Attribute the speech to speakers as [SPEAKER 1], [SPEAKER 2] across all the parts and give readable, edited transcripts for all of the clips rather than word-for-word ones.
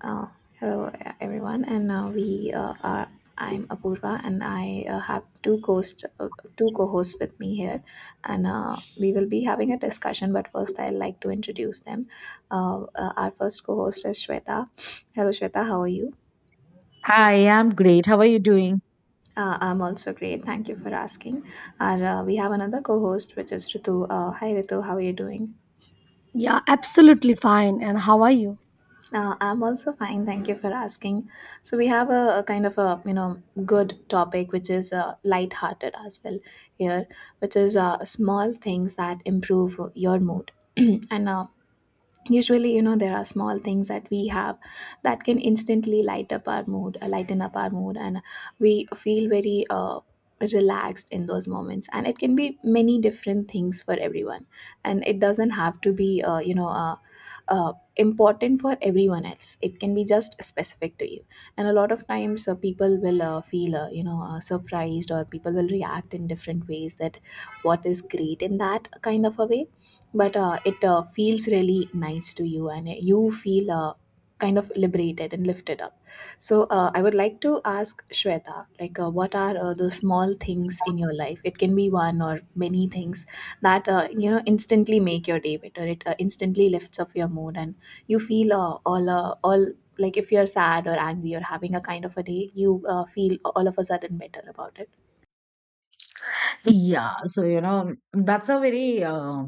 [SPEAKER 1] Uh, Hello, everyone, and we are. I'm Apurva, and I have two hosts, two co-hosts with me here, and we will be having a discussion. But first, I'd like to introduce them. Our first co-host is Shweta. Hello, Shweta. How are you?
[SPEAKER 2] Hi, I'm great. How are you doing?
[SPEAKER 1] I'm also great. Thank you for asking. And we have another co-host, which is Ritu. Hi, Ritu. How are you doing?
[SPEAKER 3] Yeah, absolutely fine. And how are you?
[SPEAKER 1] I'm also fine. Thank you for asking. So we have a kind of a good topic which is light-hearted as well here, which is small things that improve your mood. And usually there are small things that we have that can instantly light up our mood, lighten up our mood, and we feel very relaxed in those moments, and it can be many different things for everyone, and it doesn't have to be important for everyone else. It can be just specific to you, and a lot of times people will feel surprised, or people will react in different ways that what is great in that kind of a way. But it feels really nice to you, and you feel kind of liberated and lifted up. So I would like to ask Shweta, like, what are the small things in your life? It can be one or many things that instantly make your day better. It instantly lifts up your mood, and you feel all, like, if you're sad or angry or having a kind of a day, you feel all of a sudden better about it.
[SPEAKER 2] Yeah, so you know, that's a very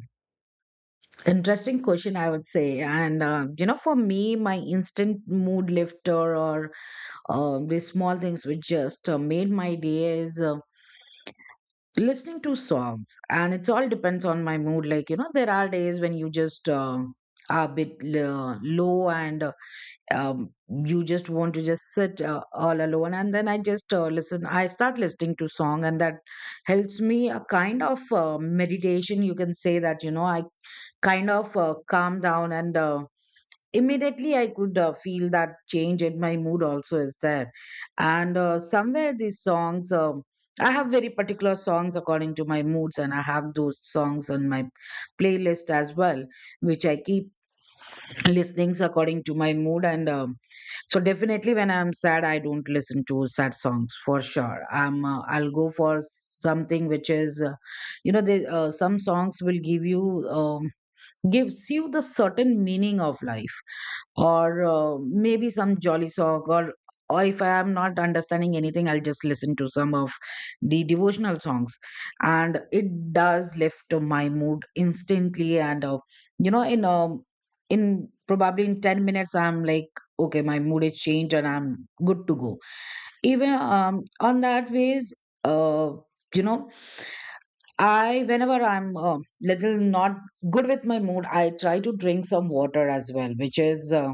[SPEAKER 2] interesting question, I would say. And you know, for me, my instant mood lifter or these small things which just made my day is listening to songs. And it's all depends on my mood. Like, you know, there are days when you just are a bit low and um, you just want to just sit all alone, and then I start listening to song, and that helps me a kind of meditation, you can say that. You know, I kind of calm down, and immediately I could feel that change in my mood also is there. And somewhere these songs, I have very particular songs according to my moods, and I have those songs on my playlist as well, which I keep listenings according to my mood. And so definitely when I'm sad, I don't listen to sad songs for sure. I'm I'll go for something which is you know, some songs will give you, gives you the certain meaning of life, or maybe some jolly song, or if I am not understanding anything, I'll just listen to some of the devotional songs, and it does lift my mood instantly. And you know, in probably in 10 minutes I'm like, okay, my mood is changed and I'm good to go. Even on that ways, uh, you know, I whenever I'm little not good with my mood, I try to drink some water as well, which is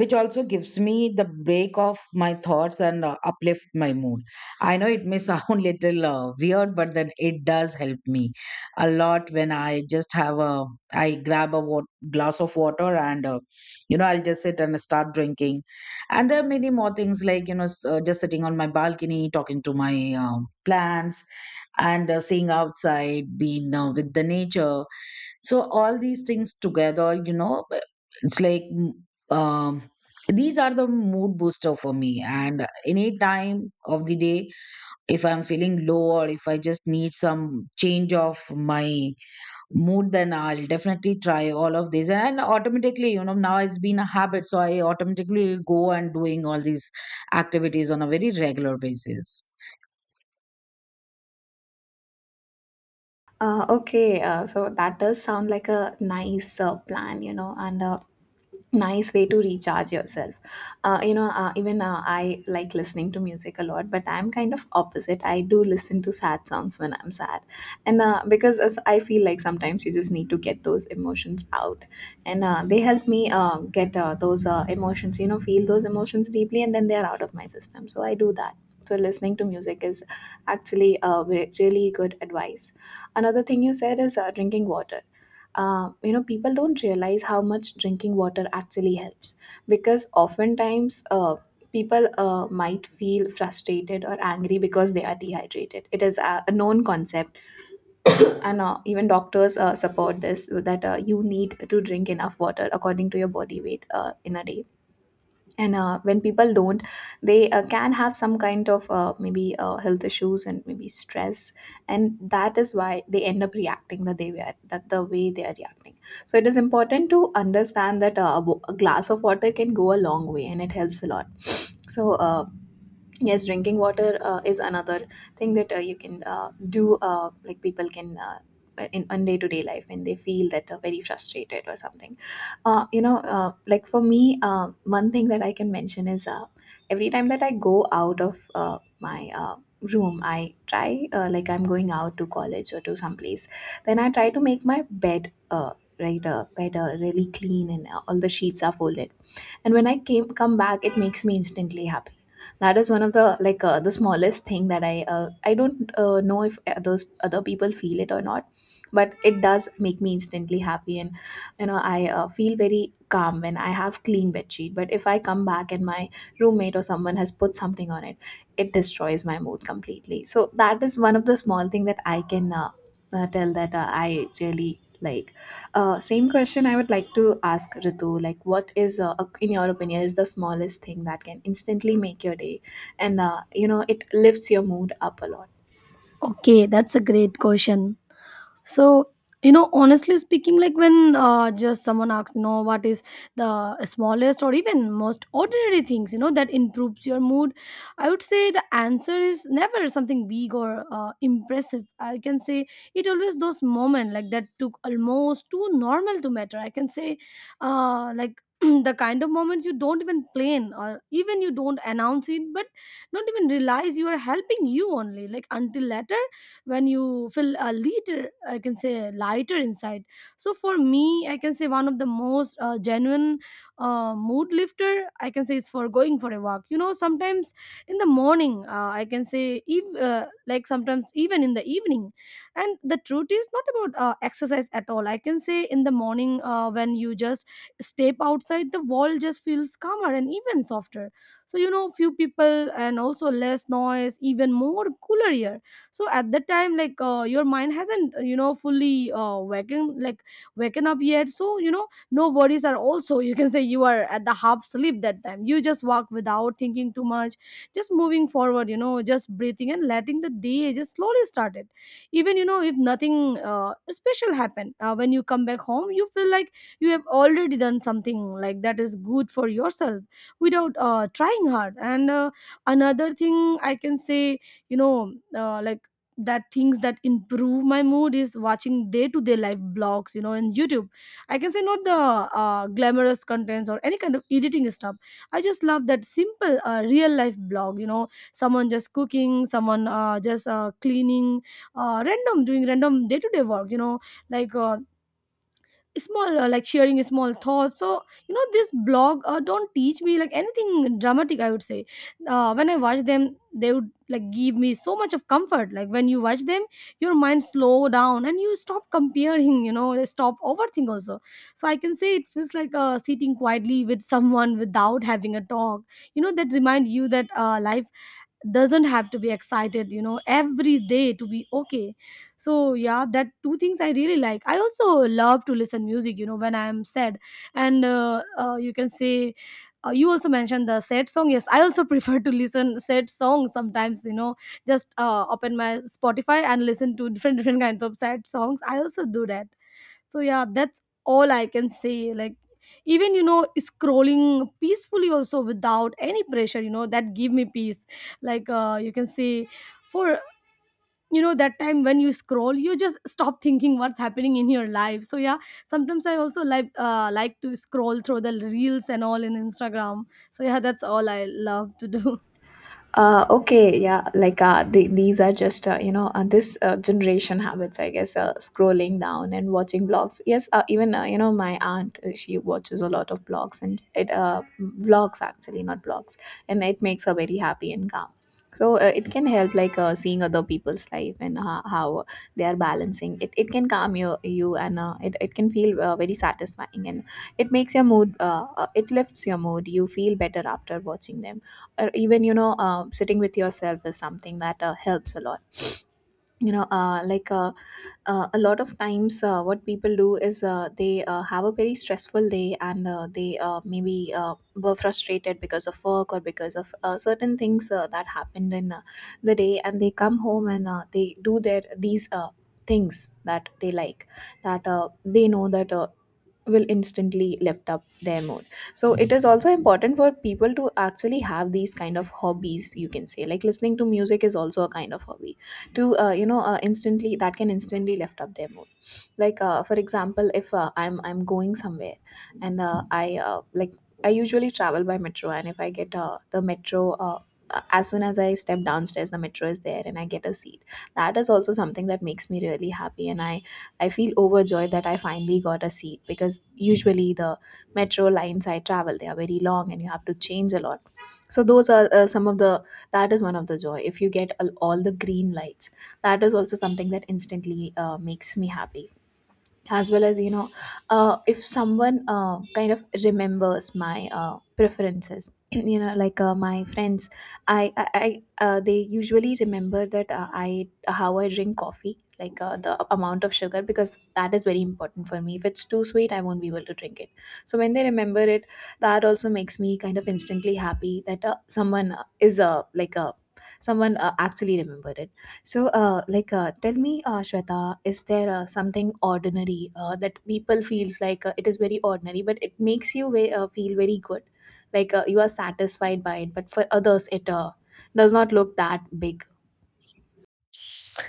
[SPEAKER 2] which also gives me the break of my thoughts and uplift my mood. I know it may sound little weird, but then it does help me a lot. When I just have a I grab a glass of water and you know, I'll just sit and start drinking. And there are many more things, like you know, just sitting on my balcony talking to my plants and seeing outside, being with the nature. So all these things together, you know, it's like um, these are the mood booster for me. And any time of the day, if I'm feeling low or if I just need some change of my mood, then I'll definitely try all of these. And automatically, you know, now it's been a habit, so I automatically go and doing all these activities on a very regular basis.
[SPEAKER 1] Okay. So that does sound like a nice plan, and nice way to recharge yourself. You know even I like listening to music a lot, but I'm kind of opposite. I do listen to sad songs when I'm sad, and because, as I feel, like, sometimes you just need to get those emotions out, and they help me get those emotions, feel those emotions deeply, and then they're out of my system, so I do that. So listening to music is actually really good advice. Another thing you said is drinking water. You know, people don't realize how much drinking water actually helps, because oftentimes people might feel frustrated or angry because they are dehydrated. It is a known concept, and even doctors support this, that you need to drink enough water according to your body weight in a day. And when people don't, they can have some kind of maybe health issues and maybe stress, and that is why they end up reacting that they were, that the way they are reacting. So it is important to understand that a glass of water can go a long way, and it helps a lot. So yes, drinking water is another thing that you can do, like, people can in on day to day life when they feel that very frustrated or something. Like, for me, one thing that I can mention is every time that I go out of my room, I try, like, I'm going out to college or to some place, then I try to make my bed right bed really clean, and all the sheets are folded, and when I came come back, it makes me instantly happy. That is one of the, like, the smallest thing, that I I don't know if other people feel it or not, but it does make me instantly happy, and I feel very calm when I have clean bed sheet. But if I come back and my roommate or someone has put something on it, it destroys my mood completely. So that is one of the small thing that I can tell that I really like. Same question I would like to ask Ritu. Like, what is, in your opinion, is the smallest thing that can instantly make your day? And, you know, it lifts your mood up a lot.
[SPEAKER 3] Okay, that's a great question. So, you know, honestly speaking, like when just someone asks, you know, what is the smallest or even most ordinary things, you know, that improves your mood, I would say the answer is never something big or impressive. I can say it always those moments like that took almost too normal to matter. I can say, like the kind of moments you don't even plan or even you don't announce it, but not even realize you are helping you only like until later when you feel a little, I can say, lighter inside. So for me, I can say one of the most genuine mood lifter, I can say, is for going for a walk, you know. Sometimes in the morning, I can say like sometimes even in the evening. And the truth is not about exercise at all. I can say in the morning, when you just step outside, the wall just feels calmer and even softer. So you know, few people and also less noise, even more cooler air. So at that time, like your mind hasn't you know, fully waking, like waken up yet. So you know, no worries are also you can say you are at the half sleep that time. You just walk without thinking too much, just moving forward, you know, just breathing and letting the day just slowly started. Even you know, if nothing special happened, when you come back home, you feel like you have already done something like that is good for yourself, without trying hard. And another thing I can say, you know, like that things that improve my mood is watching day to day life blogs, you know, in YouTube. I can say not the glamorous contents or any kind of editing stuff. I just love that simple real life blog, you know, someone just cooking, someone just cleaning, random, doing random day to day work, you know, like small, like sharing small thoughts. So you know, this blog don't teach me like anything dramatic, I would say. Uh, when I watch them, they would like give me so much of comfort. Like when you watch them, your mind slow down and you stop comparing, you know, stop overthink also. So I can say it feels like sitting quietly with someone without having a talk, you know, that remind you that life doesn't have to be excited, you know, every day to be okay. So yeah, that two things I really like. I also love to listen music, you know, when I'm sad. And you can say, you also mentioned the sad song. Yes, I also prefer to listen sad songs sometimes, you know, just open my Spotify and listen to different kinds of sad songs. I also do that. So yeah, that's all I can say. Like, even you know, scrolling peacefully also without any pressure, you know, that give me peace. Like you can say, for, you know, that time when you scroll, you just stop thinking what's happening in your life. So yeah, sometimes I also like to scroll through the reels and all in Instagram. So yeah, that's all I love to do.
[SPEAKER 1] Okay, yeah, like, these are just, this generation habits, I guess. Scrolling down and watching blogs. Yes, even you know, my aunt, she watches a lot of blogs, and it, vlogs actually, not blogs, and it makes her very happy and calm. So it can help, like, seeing other people's life and how they are balancing. It can calm you, and it can feel very satisfying, and it makes your mood. It lifts your mood. You feel better after watching them, or even, you know, sitting with yourself is something that helps a lot, you know uh, like uh, a lot of times. What people do is they have a very stressful day, and they maybe were frustrated because of work or because of certain things that happened in the day, and they come home, and they do their these things that they like, that they know that will instantly lift up their mood. So it is also important for people to actually have these kind of hobbies, you can say, like listening to music is also a kind of hobby to, instantly, that can instantly lift up their mood. Like, for example, if I'm going somewhere, and I, like, I usually travel by metro, and if I get the metro, as soon as I step downstairs, the metro is there and I get a seat, that is also something that makes me really happy, and I feel overjoyed that I finally got a seat, because usually the metro lines I travel, they are very long, and you have to change a lot. So those are some of the that is one of the joy, if you get all the green lights, that is also something that instantly makes me happy. As well as, you know, if someone kind of remembers my preferences you know, like, my friends I they usually remember that I how I drink coffee, like, the amount of sugar, because that is very important for me. If it's too sweet, I won't be able to drink it. So when they remember it, that also makes me kind of instantly happy, that someone is like someone actually remembered it. So, tell me, Shweta, is there something ordinary that people feels like it is very ordinary, but it makes you feel very good, like, you are satisfied by it, but for others, it does not look that big.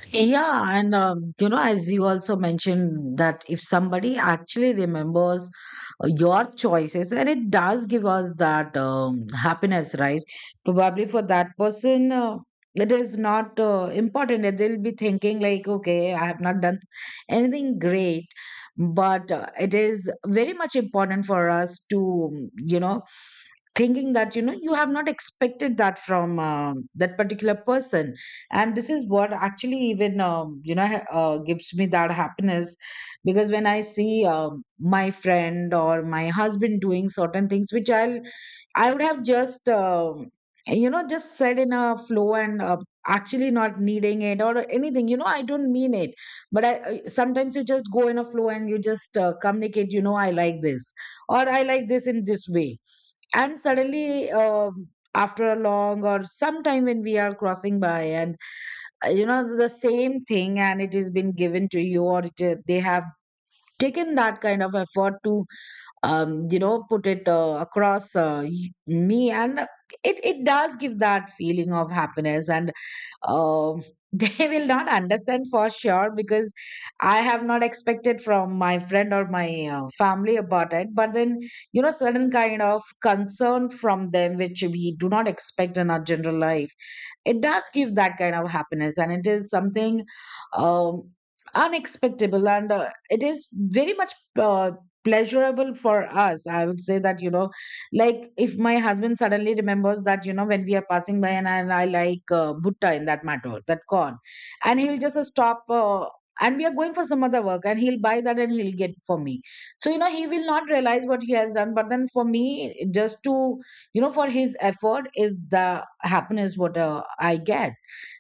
[SPEAKER 2] Yeah, and you know, as you also mentioned, that if somebody actually remembers your choices, and it does give us that happiness, right? Probably for that person, it is not important. And They'll be thinking, like, okay, I have not done anything great, but it is very much important for us to, you know, thinking that you know you have not expected that from that particular person, and this is what actually even you know gives me that happiness. Because when I see my friend or my husband doing certain things which I would have just you know just said in a flow, and actually not needing it or anything, you know, I don't mean it. But I sometimes you just go in a flow and you just communicate, you know, I like this or I like this in this way. And suddenly after a long or sometime when we are crossing by, and you know, the same thing and it has been given to you, or they have taken that kind of effort to you know put it across me. And it does give that feeling of happiness and um they will not understand for sure, because I have not expected from my friend or my family about it. But then you know certain kind of concern from them, which we do not expect in our general life, it does give that kind of happiness, and it is something, um, unexpectable, and it is very much uh, pleasurable for us, I would say that, you know, like if my husband suddenly remembers that you know when we are passing by and I like bhutta, in that matter that corn, and he'll just stop, and we are going for some other work, and he'll buy that and he'll get for me. So you know he will not realize what he has done, but then for me just to you know for his effort is the happiness what I get.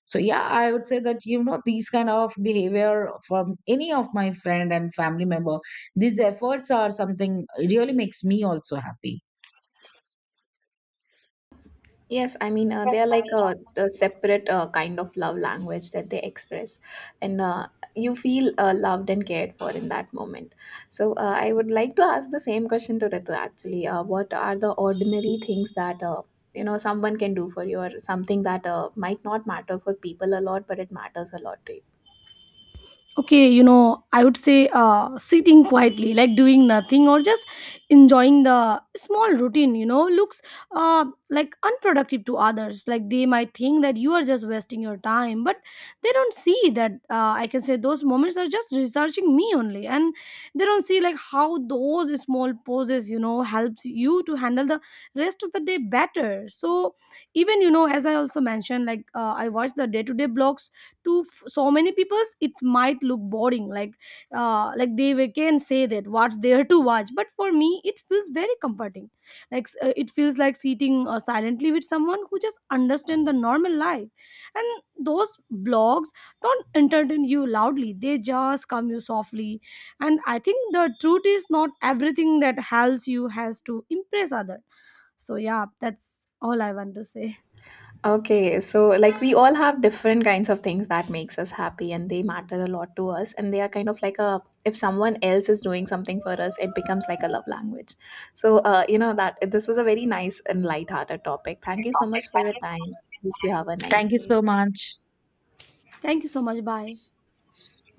[SPEAKER 2] So yeah, I would say that you know these kind of behavior from any of my friend and family member, these efforts are something really makes me also happy.
[SPEAKER 1] Yes, I mean, they are like a separate kind of love language that they express, and you feel loved and cared for in that moment. So, I would like to ask the same question to Ritu actually. What are the ordinary things that someone can do for you, or something that might not matter for people a lot, but it matters a lot to you?
[SPEAKER 3] Okay, you know, I would say sitting quietly, like doing nothing, or just enjoying the small routine, you know, looks uh, like unproductive to others. Like they might think that you are just wasting your time, but they don't see that, I can say, those moments are just researching me only. And they don't see like how those small pauses, you know, helps you to handle the rest of the day better. So even you know, as I also mentioned, like I watch the day to day blogs to so many peoples, it might look boring. Like like they, we can say that what's there to watch, but for me it feels very comforting. Like it feels like sitting silently with someone who just understand the normal life. And those blogs don't entertain you loudly, they just come you softly. And I think the truth is not everything that helps you has to impress other. So yeah, that's all I want to say.
[SPEAKER 1] Okay, so, like, we all have different kinds of things that makes us happy, and they matter a lot to us, and they are kind of like a, if someone else is doing something for us, it becomes like a love language. So you know, that this was a very nice and light-hearted topic. Thank you so much for your time. Hope you have a nice
[SPEAKER 2] Thank you
[SPEAKER 1] day.
[SPEAKER 2] so much.
[SPEAKER 3] Thank you so much. Bye.